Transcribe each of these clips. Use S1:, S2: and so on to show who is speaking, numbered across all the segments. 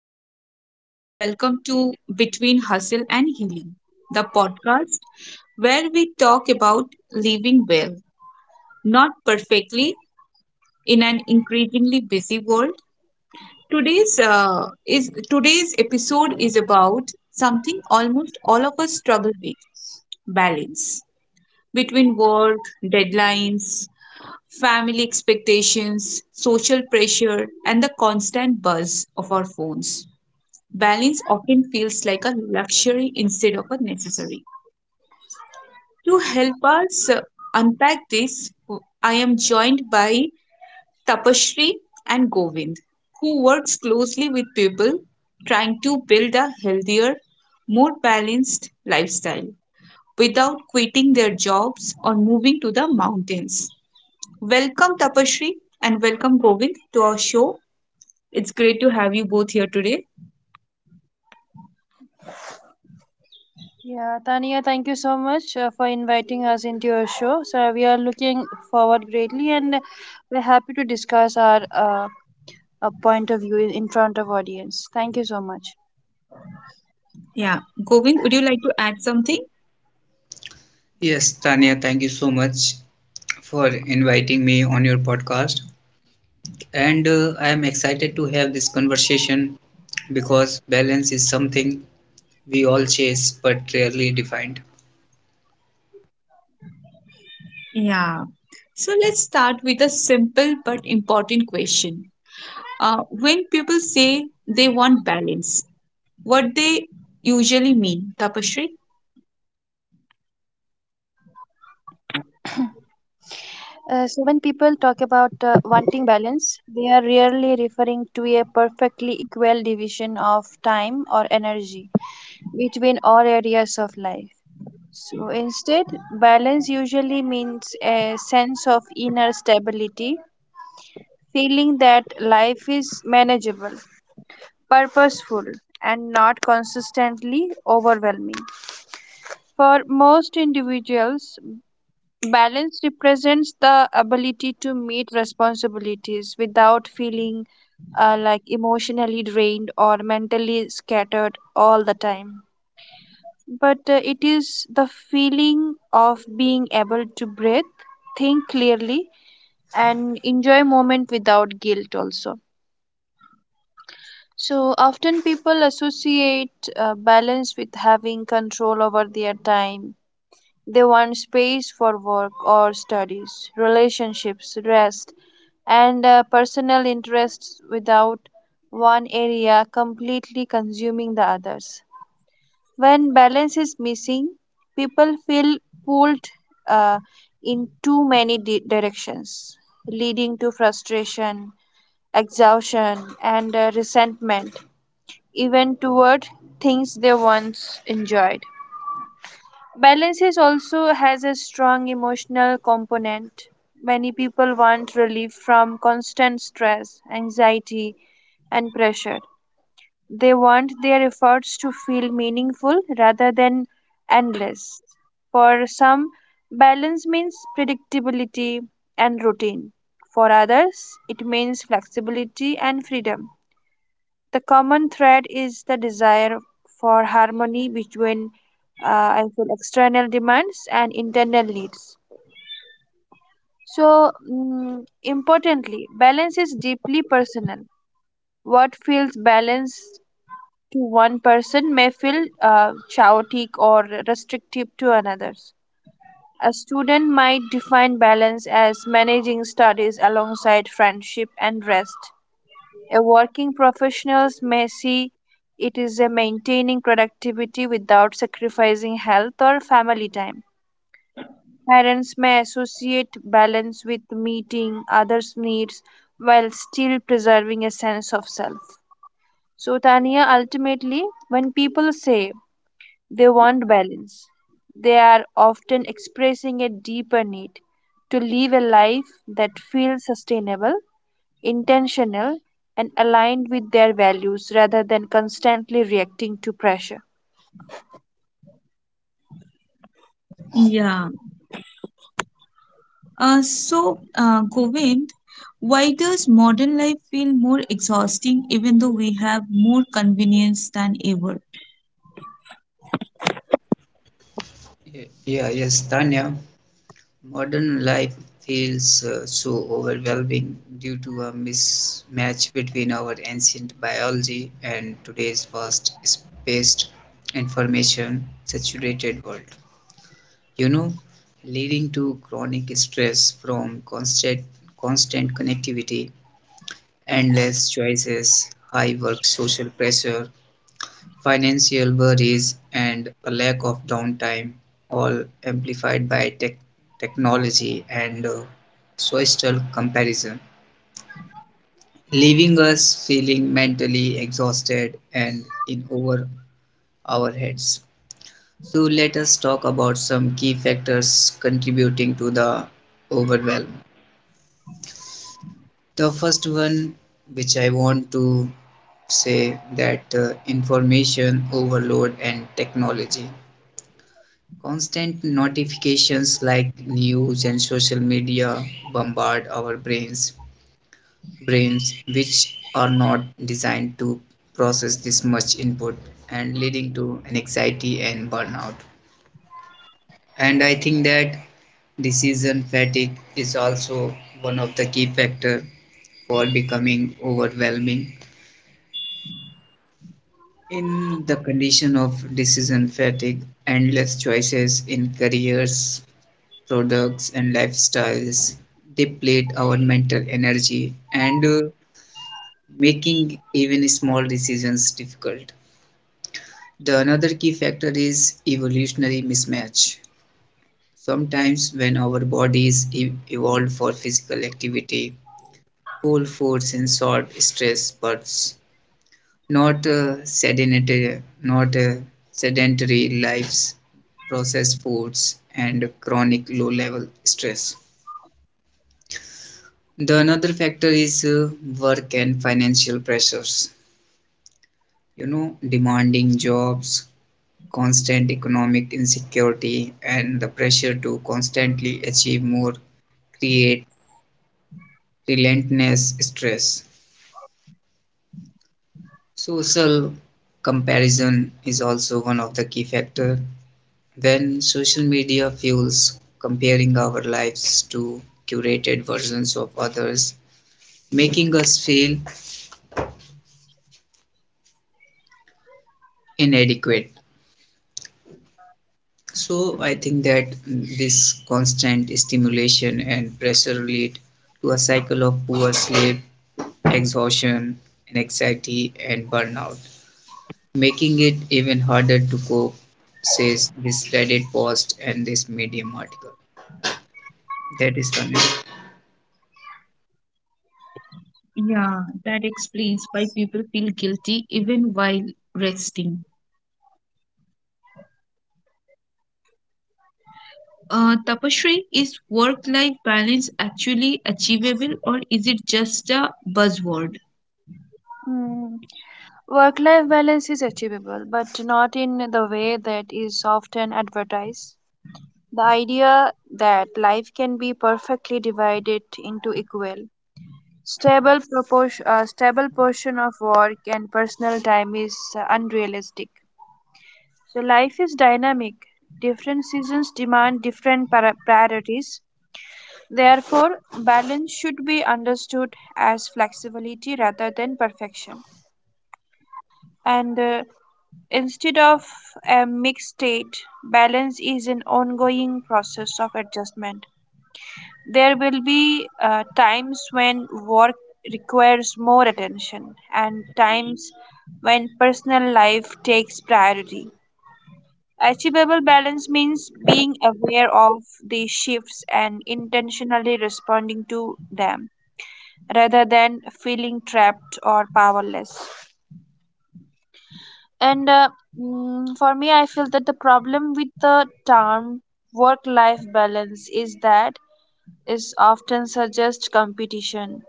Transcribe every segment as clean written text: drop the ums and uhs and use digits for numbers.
S1: Hello, everyone. Welcome to Between Hustle and Healing, the podcast where we talk about living well, not perfectly, in an increasingly busy world. Today's episode is about something almost all of us struggle with: balance between work, deadlines, family expectations, social pressure, and the constant buzz of our phones. Balance often feels like a luxury instead of a necessary. To help us unpack this, I am joined by Tapashri and Govind, who works closely with people trying to build a healthier, more balanced lifestyle without quitting their jobs or moving to the mountains. Welcome, Tapashri, and welcome, Govind, to our show. It's great to have you both here today.
S2: Yeah, Tania, thank you so much for inviting us into your show. So we are looking forward greatly, and we're happy to discuss our point of view in front of audience. Thank you so much.
S1: Yeah, Govind, would you like to add something?
S3: Yes, Tanya, thank you so much for inviting me on your podcast. And I am excited to have this conversation because balance is something we all chase but rarely defined.
S1: Yeah. So let's start with a simple but important question. When people say they want balance, what they usually mean, Tapashri?
S2: So when people talk about wanting balance, they are rarely referring to a perfectly equal division of time or energy between all areas of life. So instead, balance usually means a sense of inner stability feeling that life is manageable, purposeful, and not consistently overwhelming. For most individuals, balance represents the ability to meet responsibilities without feeling like emotionally drained or mentally scattered all the time. But it is the feeling of being able to breathe, think clearly, and enjoy moment without guilt also. So often people associate balance with having control over their time. They want space for work or studies, relationships, rest, and personal interests without one area completely consuming the others. When balance is missing, people feel pulled uh, in too many directions, leading to frustration, exhaustion, and resentment even toward things they once enjoyed. Balance is also has a strong emotional component. Many people want relief from constant stress, anxiety, and pressure. They want their efforts to feel meaningful rather than endless. For some, balance means predictability and routine. For others, it means flexibility and freedom. The common thread is the desire for harmony between, I feel, external demands and internal needs. So, importantly, balance is deeply personal. What feels balanced to one person may feel chaotic or restrictive to another's. A student might define balance as managing studies alongside friendship and rest. A working professionals may see it is a maintaining productivity without sacrificing health or family time. Parents may associate balance with meeting others' needs while still preserving a sense of self. So, Tania, ultimately, when people say they want balance, they are often expressing a deeper need to live a life that feels sustainable intentional, and aligned with their values rather than constantly reacting to pressure.
S1: Yeah. So, Govind, why does modern life feel more exhausting even though we have more convenience than ever?
S3: Yes, Tanya. Modern life feels so overwhelming due to a mismatch between our ancient biology and today's fast-paced information saturated world. You know, leading to chronic stress from constant connectivity, endless choices, high work social pressure, financial worries, and a lack of downtime, all amplified by technology and social comparison, leaving us feeling mentally exhausted and in over our heads. So let us talk about some key factors contributing to the overwhelm. The first one, which I want to say that information overload and technology. Constant notifications like news and social media bombard our brains which are not designed to process this much input and leading to anxiety and burnout. And I think that decision fatigue is also one of the key factors for becoming overwhelming. In the condition of decision fatigue, endless choices in careers, products, and lifestyles deplete our mental energy and making even small decisions difficult. The another key factor is evolutionary mismatch. Sometimes, when our bodies evolved for physical activity, whole foods and short stress bursts, not sedentary lives, processed foods, and chronic low-level stress. The another factor is work and financial pressures. You know, demanding jobs, constant economic insecurity, and the pressure to constantly achieve more create relentless stress. Social comparison is also one of the key factor. Well, social media fuels comparing our lives to curated versions of others, making us feel inadequate. So, I think that this constant stimulation and pressure lead to a cycle of poor sleep, exhaustion, anxiety, and burnout, making it even harder to cope, says this Reddit post and this Medium article. That is Tanya.
S1: Yeah, that explains why people feel guilty even while resting. Tapasri, is work life balance actually achievable or is it just a buzzword?
S2: Mm. Work life balance is achievable, but not in the way that is often advertised. The idea that life can be perfectly divided into equal, stable, proportion, stable portion of work and personal time is unrealistic. So, life is dynamic. Different seasons demand different priorities. Therefore, balance should be understood as flexibility rather than perfection. And instead of a mixed state, balance is an ongoing process of adjustment. There will be times when work requires more attention and times when personal life takes priority. Achievable balance means being aware of these shifts and intentionally responding to them, rather than feeling trapped or powerless. And for me, I feel that the problem with the term work life balance is that is often suggests competition,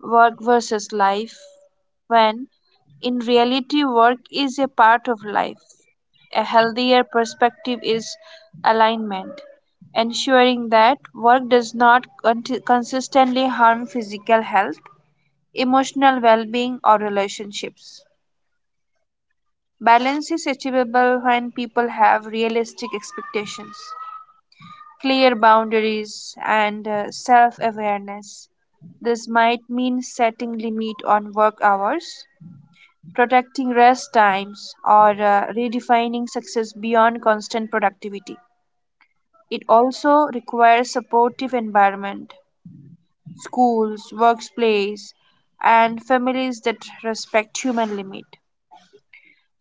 S2: work versus life, when in reality, work is a part of life. A healthier perspective is alignment, ensuring that work does not consistently harm physical health emotional well being, or relationships. Balance is achievable when people have realistic expectations, clear boundaries, and self awareness. This might mean setting limit on work hours, protecting rest times, or redefining success beyond constant productivity. It also requires supportive environment, schools, workplace, and families that respect human limit.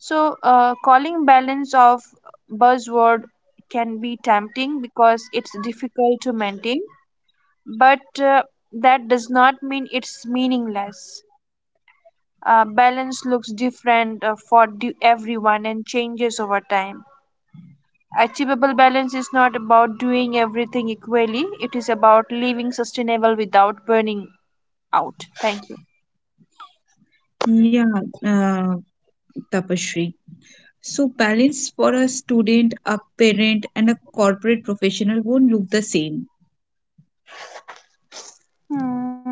S2: So, calling balance of buzzword can be tempting because it's difficult to maintain, but that does not mean it's meaningless. Balance looks different for everyone and changes over time. Achievable balance is not about doing everything equally, it is about living sustainable without burning out. Thank you.
S1: Yeah, uh, Tapasree. So, balance for a student, a parent, and a corporate professional won't look the same.
S2: Hmm.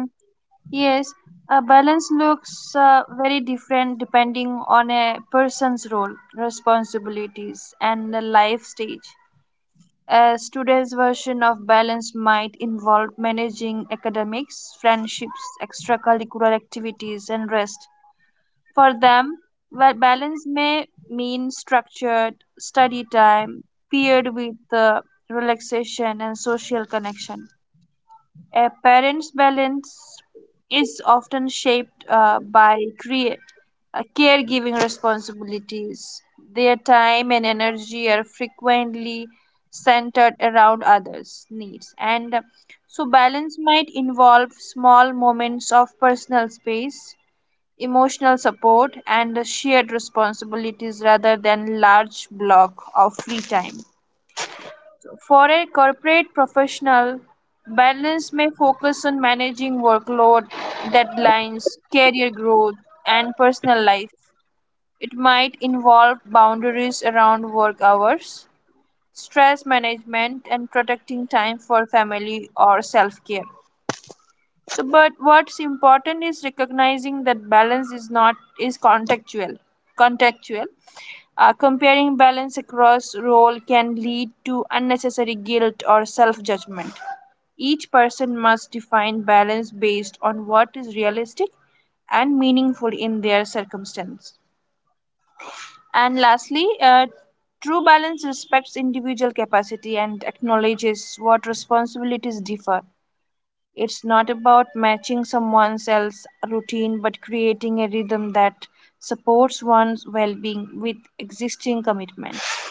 S2: Yes, a balance looks very different depending on a person's role, responsibilities, and the life stage. A student's version of balance might involve managing academics, friendships, extracurricular activities, and rest. For them, well, balance may mean structured study time paired with relaxation and social connection. A parent's balance is often shaped by caregiving responsibilities. Their time and energy are frequently centered around others' needs. And so, balance might involve small moments of personal space, emotional support, and shared responsibilities rather than large block of free time. For a corporate professional, balance may focus on managing workload, deadlines, career growth, and personal life. It might involve boundaries around work hours, stress management, and protecting time for family or self care. So, but what's important is recognizing that balance is not is contextual. Contextual. Comparing balance across role can lead to unnecessary guilt or self judgment. Each person must define balance based on what is realistic and meaningful in their circumstance. And lastly, true balance respects individual capacity and acknowledges what responsibilities differ. It's not about matching someone else's routine, but creating a rhythm that supports one's well being with existing commitments.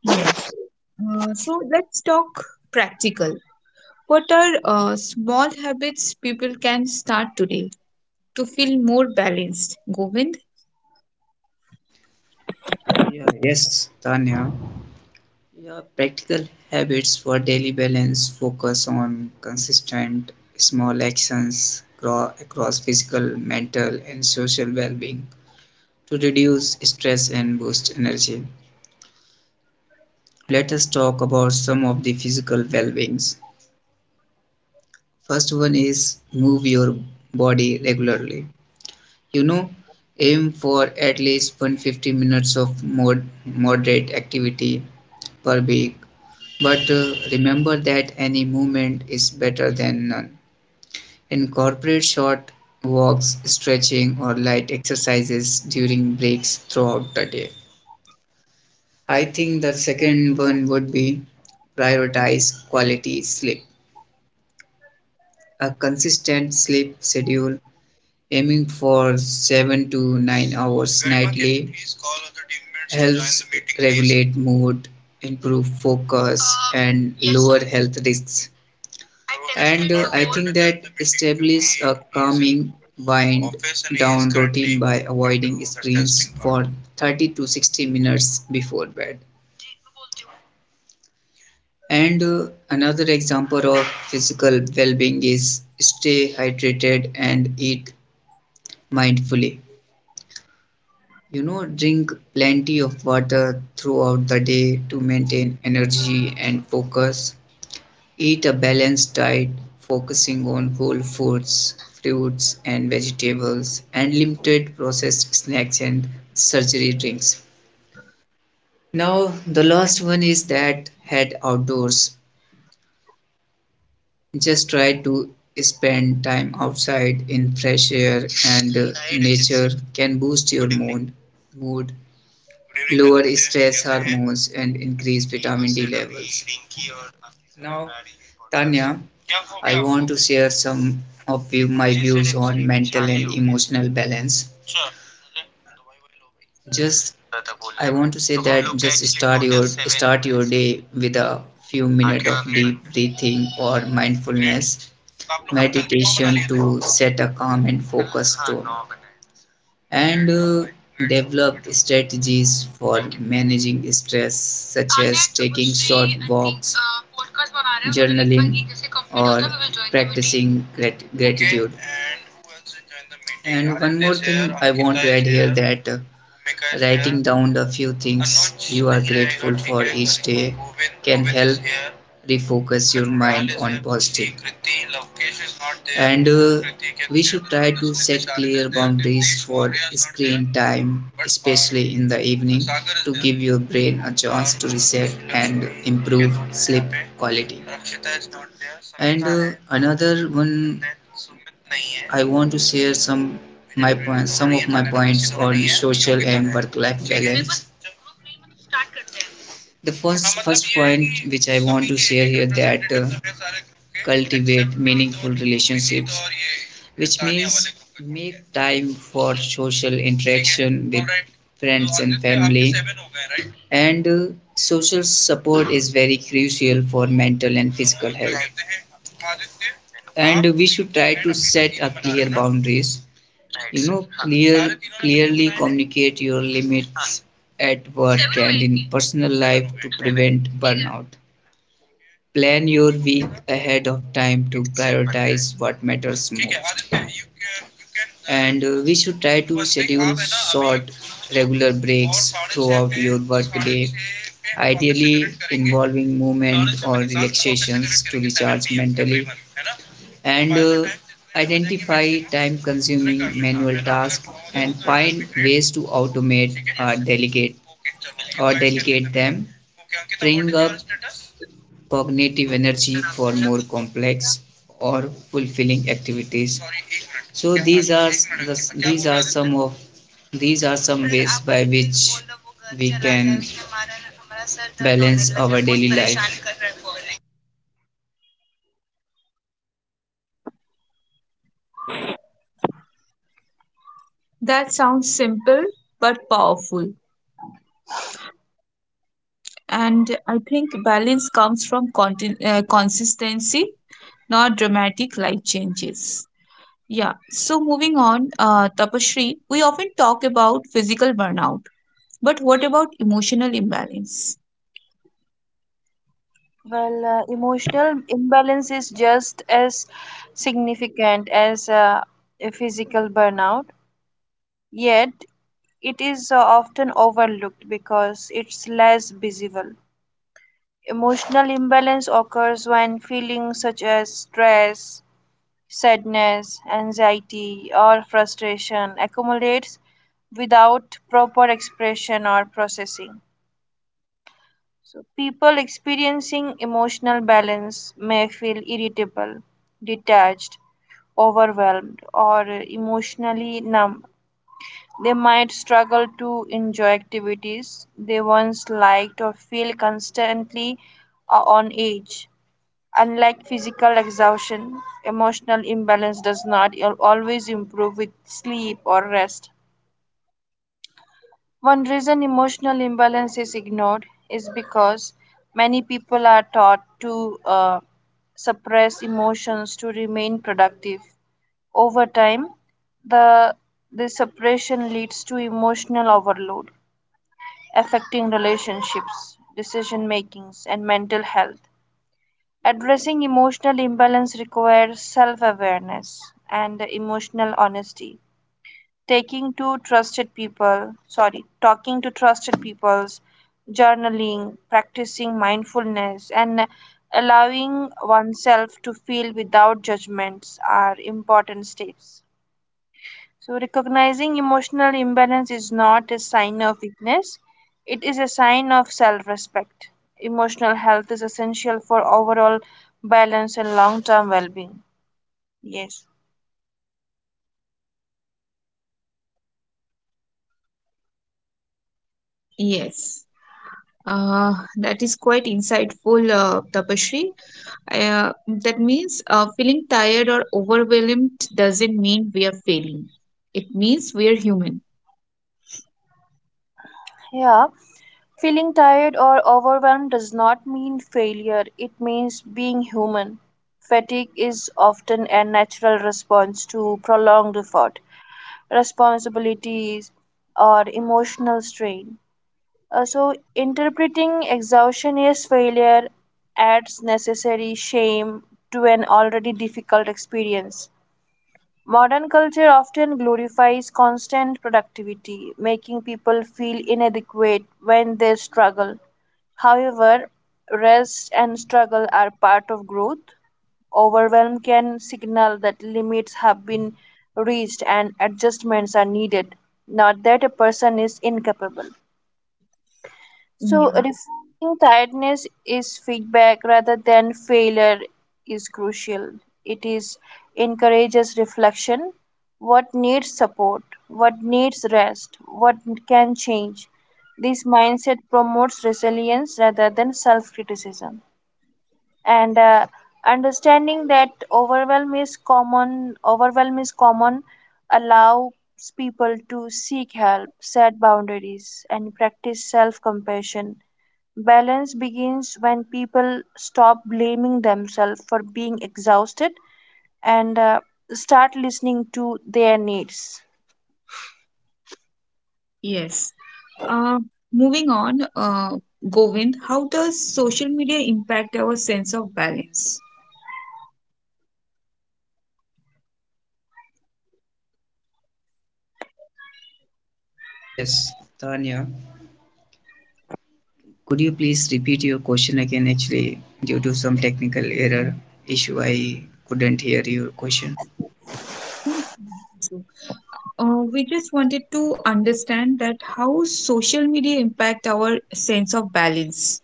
S1: Yes. So, let's talk practical. What are small habits people can start today to feel more balanced? Govind?
S3: Yeah, yes, Tanya. Yeah, practical habits for daily balance focus on consistent small actions across physical, mental, and social well being to reduce stress and boost energy. Let us talk about some of the physical well beings. First one is move your body regularly. You know, aim for at least 150 minutes of moderate activity per week. But remember that any movement is better than none. Incorporate short walks, stretching, or light exercises during breaks throughout the day. I think the second one would be prioritize quality sleep. A consistent sleep schedule aiming for 7 to 9 hours nightly helps regulate mood, improve focus, and lower health risks. And I think that establish a calming wind down routine by avoiding screens for 30 to 60 minutes before bed. And another example of physical well-being is stay hydrated and eat mindfully. You know, drink plenty of water throughout the day to maintain energy and focus. Eat a balanced diet focusing on whole foods, fruits and vegetables, and limited processed snacks and sugary drinks. Now, the last one is that head outdoors. Just try to spend time outside in fresh air and nature can boost your mood, lower stress hormones, and increase vitamin D levels. Now, Tanya, I want to share some of you, my views on mental and emotional balance. Just I want to say that just start your day with a few minutes of deep breathing or mindfulness meditation to set a calm and focused tone. And develop strategies for managing stress such as taking short walks, journaling, or practicing gratitude. And one more thing I want to add here that writing down the few things you are grateful for each day can help refocus your mind on positive. And uh, should try to set clear boundaries for screen time, especially in the evening, to give your brain a chance to reset and improve sleep quality. And another one, I want to share some of my points on social and work life balance. The first point which I want to share here that cultivate meaningful relationships, which means make time for social interaction with friends and family. And social support is very crucial for mental and physical health. And we should try to set a clear boundaries, right? You know, clear clearly communicate your limits at work and in personal life to prevent burnout. Plan your week ahead of time to prioritize what matters most. And we should try to schedule short, regular breaks throughout your workday, ideally involving movement or relaxations to recharge mentally. And uh, identify time consuming manual tasks and find ways to automate or delegate or delegate them, okay, freeing up cognitive energy for more complex or fulfilling activities. So these are the, these are some of these are some ways by which we can balance our daily life.
S1: That sounds simple but powerful. And I think balance comes from consistency, not dramatic life changes. Yeah, so moving on, Tapashri, we often talk about physical burnout, but what about emotional imbalance?
S2: Well, emotional imbalance is just as significant as a physical burnout, yet, it is often overlooked because it's less visible. Emotional imbalance occurs when feelings such as stress, sadness, anxiety, or frustration accumulates without proper expression or processing. So, people experiencing emotional balance may feel irritable, detached, overwhelmed, or emotionally numb. They might struggle to enjoy activities they once liked or feel constantly on edge. Unlike physical exhaustion, emotional imbalance does not always improve with sleep or rest. One reason emotional imbalance is ignored is because many people are taught to suppress emotions to remain productive. Over time, the this suppression leads to emotional overload, affecting relationships, decision makings, and mental health. Addressing emotional imbalance requires self awareness and emotional honesty taking to trusted people, sorry, talking to trusted peoples, journaling, practicing mindfulness, and allowing oneself to feel without judgments are important steps. So, recognizing emotional imbalance is not a sign of weakness, it is a sign of self respect. Emotional health is essential for overall balance and long term well being. Yes.
S1: Yes, that is quite insightful, Tapashri. That means feeling tired or overwhelmed doesn't mean we are failing, it means we are human.
S2: Yeah. Feeling tired or overwhelmed does not mean failure, it means being human. Fatigue is often a natural response to prolonged effort, responsibilities, or emotional strain. So, interpreting exhaustion as failure adds necessary shame to an already difficult experience. Modern culture often glorifies constant productivity, making people feel inadequate when they struggle. However, rest and struggle are part of growth. Overwhelm can signal that limits have been reached and adjustments are needed, not that a person is incapable. So,
S1: Yeah.
S2: reframing tiredness is feedback rather than failure is crucial. It is encourages reflection. What needs support? What needs rest? What can change? This mindset promotes resilience rather than self criticism. And understanding that overwhelm is common, allows people to seek help, set boundaries, and practice self compassion. Balance begins when people stop blaming themselves for being exhausted and start listening to their needs.
S1: Yes. Uh, moving on, Govind, how does social media impact our sense of balance?
S3: Yes, Tanya, could you please repeat your question again? Actually, due to some technical error issue, I couldn't hear your question.
S1: So, we just wanted to understand that how social media impact our sense of balance.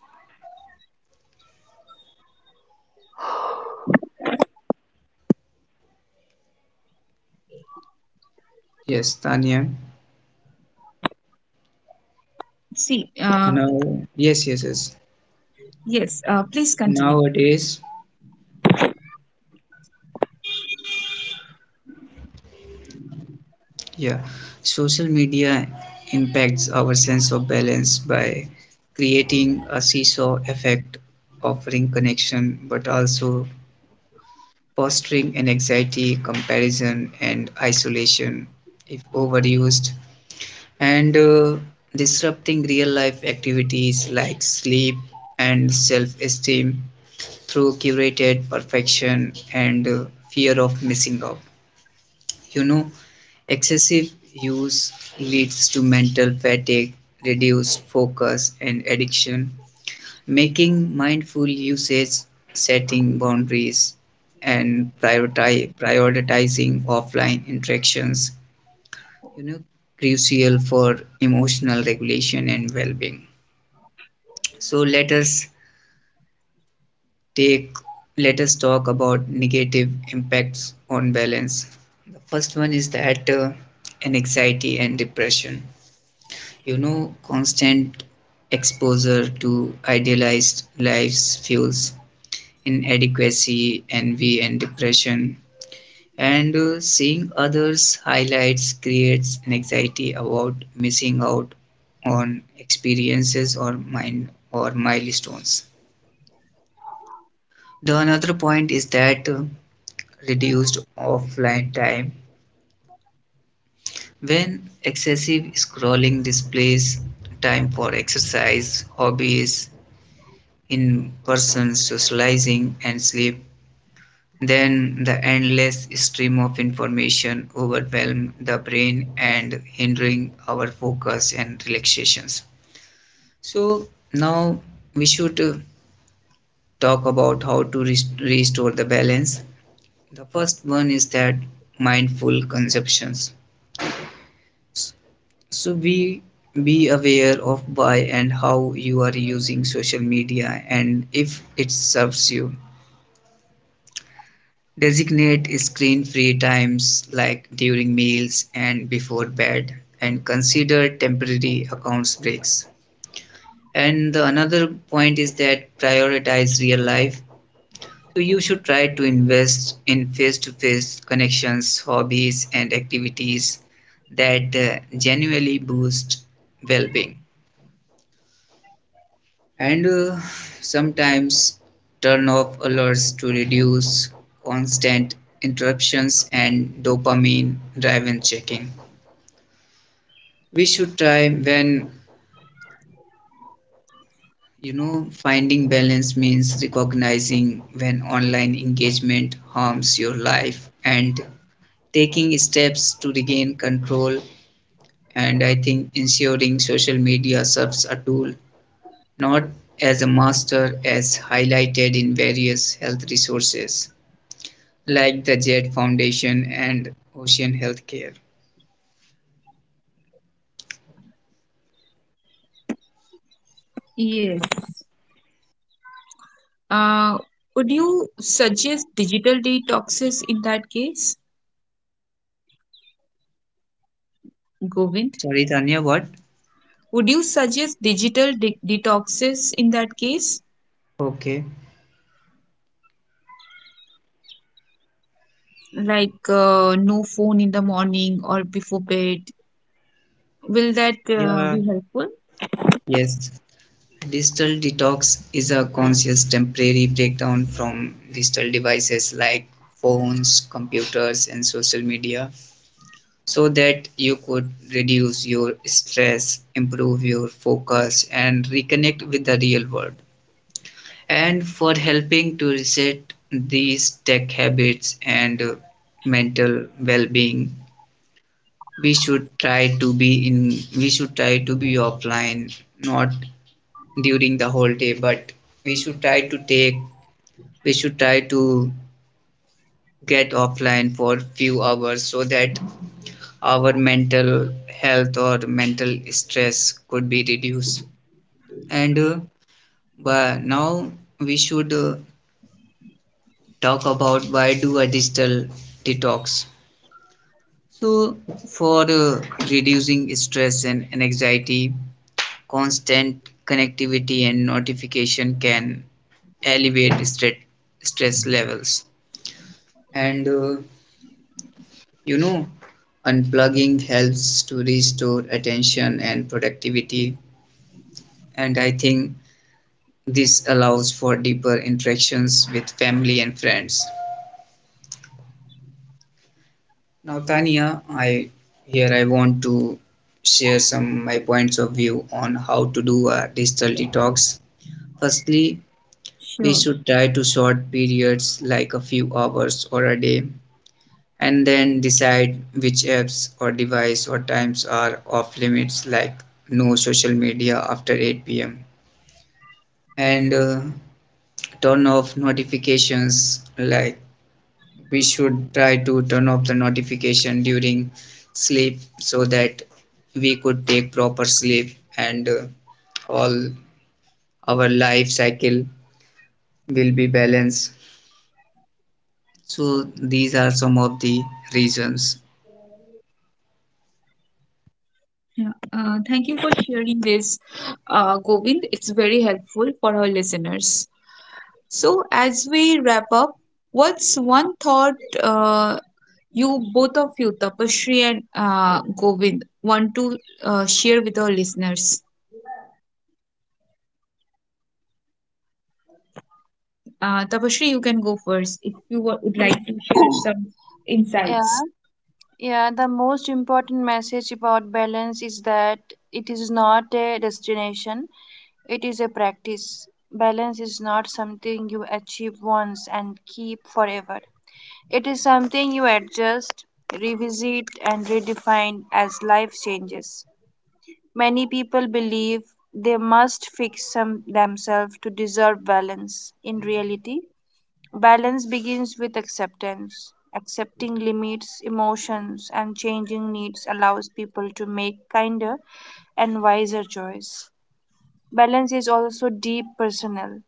S3: Yes, Tanya.
S1: See, uh,
S3: Now, yes.
S1: yes, please continue.
S3: Nowadays, yeah, social media impacts our sense of balance by creating a seesaw effect, offering connection but also fostering an anxiety, comparison, and isolation if overused, and disrupting real life activities like sleep and self esteem through curated perfection and fear of missing out. You know, excessive use leads to mental fatigue, reduced focus, and addiction. Making mindful usage, setting boundaries, and prioritizing offline interactions, you know, crucial for emotional regulation and well-being. So take let us talk about negative impacts on balance. The first one is that anxiety and depression. You know, constant exposure to idealized lives fuels inadequacy, envy, and depression. And seeing others' highlights creates an anxiety about missing out on experiences or mind or milestones. The another point is that reduced offline time. When excessive scrolling displays time for exercise, hobbies, in person, socializing, and sleep, then the endless stream of information overwhelm the brain and hindering our focus and relaxations. So now we should talk about how to restore the balance. The first one is that mindful consumptions. So be aware of why and how you are using social media and if it serves you. Designate screen-free times like during meals and before bed and consider temporary accounts breaks. And the another point is that prioritize real life. So you should try to invest in face-to-face connections, hobbies and activities that genuinely boost well-being. And sometimes turn off alerts to reduce constant interruptions and dopamine driven checking. We should try when, you know, finding balance means recognizing when online engagement harms your life and taking steps to regain control. And I think ensuring social media serves a tool, not as a master, as highlighted in various health resources like the Jet Foundation and Ocean Healthcare.
S1: Yes. Uh, would you suggest digital detoxes in that case, Govind?
S3: Sorry, Tanya, what?
S1: Would you suggest digital detoxes in that case?
S3: Okay,
S1: Like no phone in the morning or before bed. Will that
S3: yeah,
S1: be helpful?
S3: yes. Digital detox is a conscious temporary breakdown from digital devices like phones, computers, and social media so that you could reduce your stress, improve your focus, and reconnect with the real world. And for helping to reset these tech habits and mental well being, we should try to be offline not during the whole day, but we should try to take we should try to get offline for few hours so that our mental health or mental stress could be reduced. And but now we should talk about why do a digital detox. So for reducing stress and anxiety, constant connectivity and notification can elevate stress levels. And you know, unplugging helps to restore attention and productivity. And I think this allows for deeper interactions with family and friends. Now, Tania, I want to share some my points of view on how to do a digital detox. Firstly, we
S1: Sure.
S3: should try to short periods like a few hours or a day, and then decide which apps or device or times are off limits, like no social media after 8 p.m. And turn off notifications, like we should try to turn off the notification during sleep so that we could take proper sleep and all our life cycle will be balanced. So these are some of the reasons.
S1: Yeah. Thank you for sharing this, Govind. It's very helpful for our listeners. So, as we wrap up, what's one thought uh, you both of you, Tapashri and Govind, want to share with our listeners? Tapashri, you can go first if you would like to share some
S2: Yeah,
S1: insights.
S2: yeah. The most important message about balance is that it is not a destination, it is a practice. Balance is not something you achieve once and keep forever. It is something you adjust, revisit, and redefine as life changes. Many people believe they must fix some themselves to deserve balance. In reality, balance begins with acceptance. Accepting limits, emotions, and changing needs allows people to make kinder and wiser choices. Balance is also deep personal.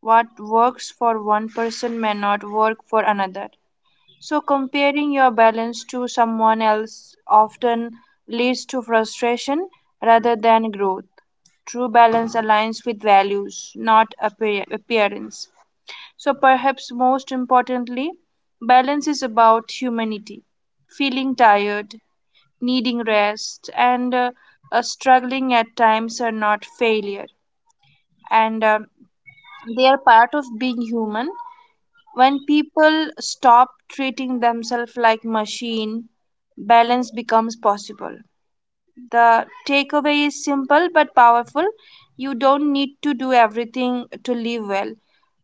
S2: What works for one person may not work for another. So, comparing your balance to someone else often leads to frustration rather than growth. True balance aligns with values, not appearance. So, perhaps most importantly, balance is about humanity, feeling tired, needing rest, and struggling at times are not failure, and they are part of being human when people stop treating themselves like machine, balance becomes possible. The takeaway is simple but powerful. You don't need to do everything to live well.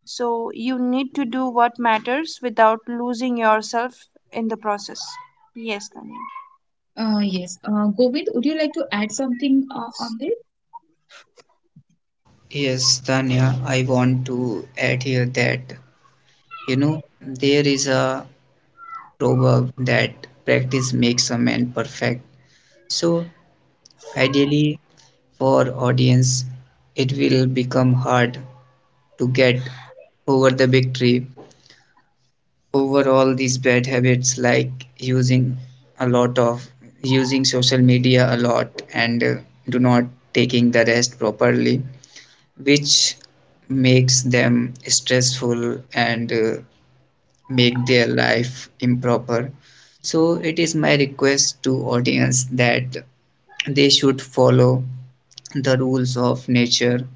S2: So you need to do what matters without losing yourself in the process. Yes, Tanya.
S1: Yes. Govind, would you like to add something on this?
S3: Yes, Tanya, I want to add here that you know there is a proverb that practice makes a man perfect. So ideally for audience it will become hard to get over the victory over all these bad habits, like using a lot of using social media a lot. And do not taking the rest properly, which makes them stressful and make their life improper. So it is my request to audience that they should follow the rules of nature.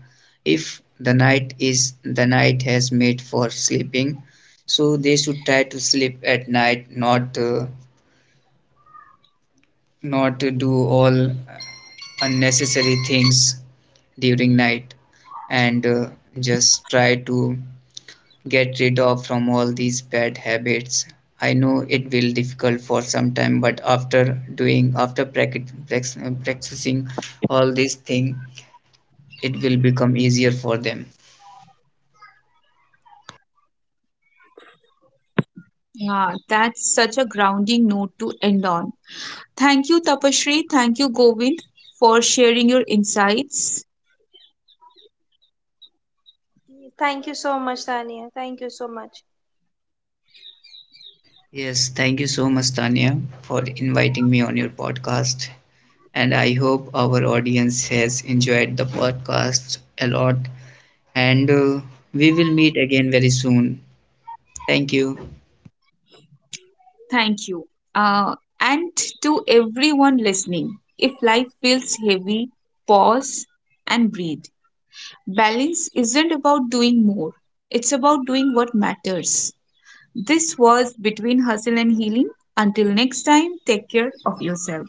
S3: If the night has made for sleeping, so they should try to sleep at night, not not to do all unnecessary things during night. And just try to get rid of from all these bad habits. I know it will difficult for some time, but after practicing all these things it will become easier for them.
S1: Yeah, that's such a grounding note to end on. Thank you, Tapashri. Thank you, Govind, for sharing your insights.
S2: Thank you so much, Tanya. Thank you so much.
S3: Yes, thank you so much, Tanya, for inviting me on your podcast, and I hope our audience has enjoyed the podcast a lot. And we will meet again very soon. Thank you.
S1: Thank you. Uh, and to everyone listening, if life feels heavy, pause and breathe. Balance isn't about doing more, it's about doing what matters. This was Between Hustle and Healing. Until next time, take care of yourself.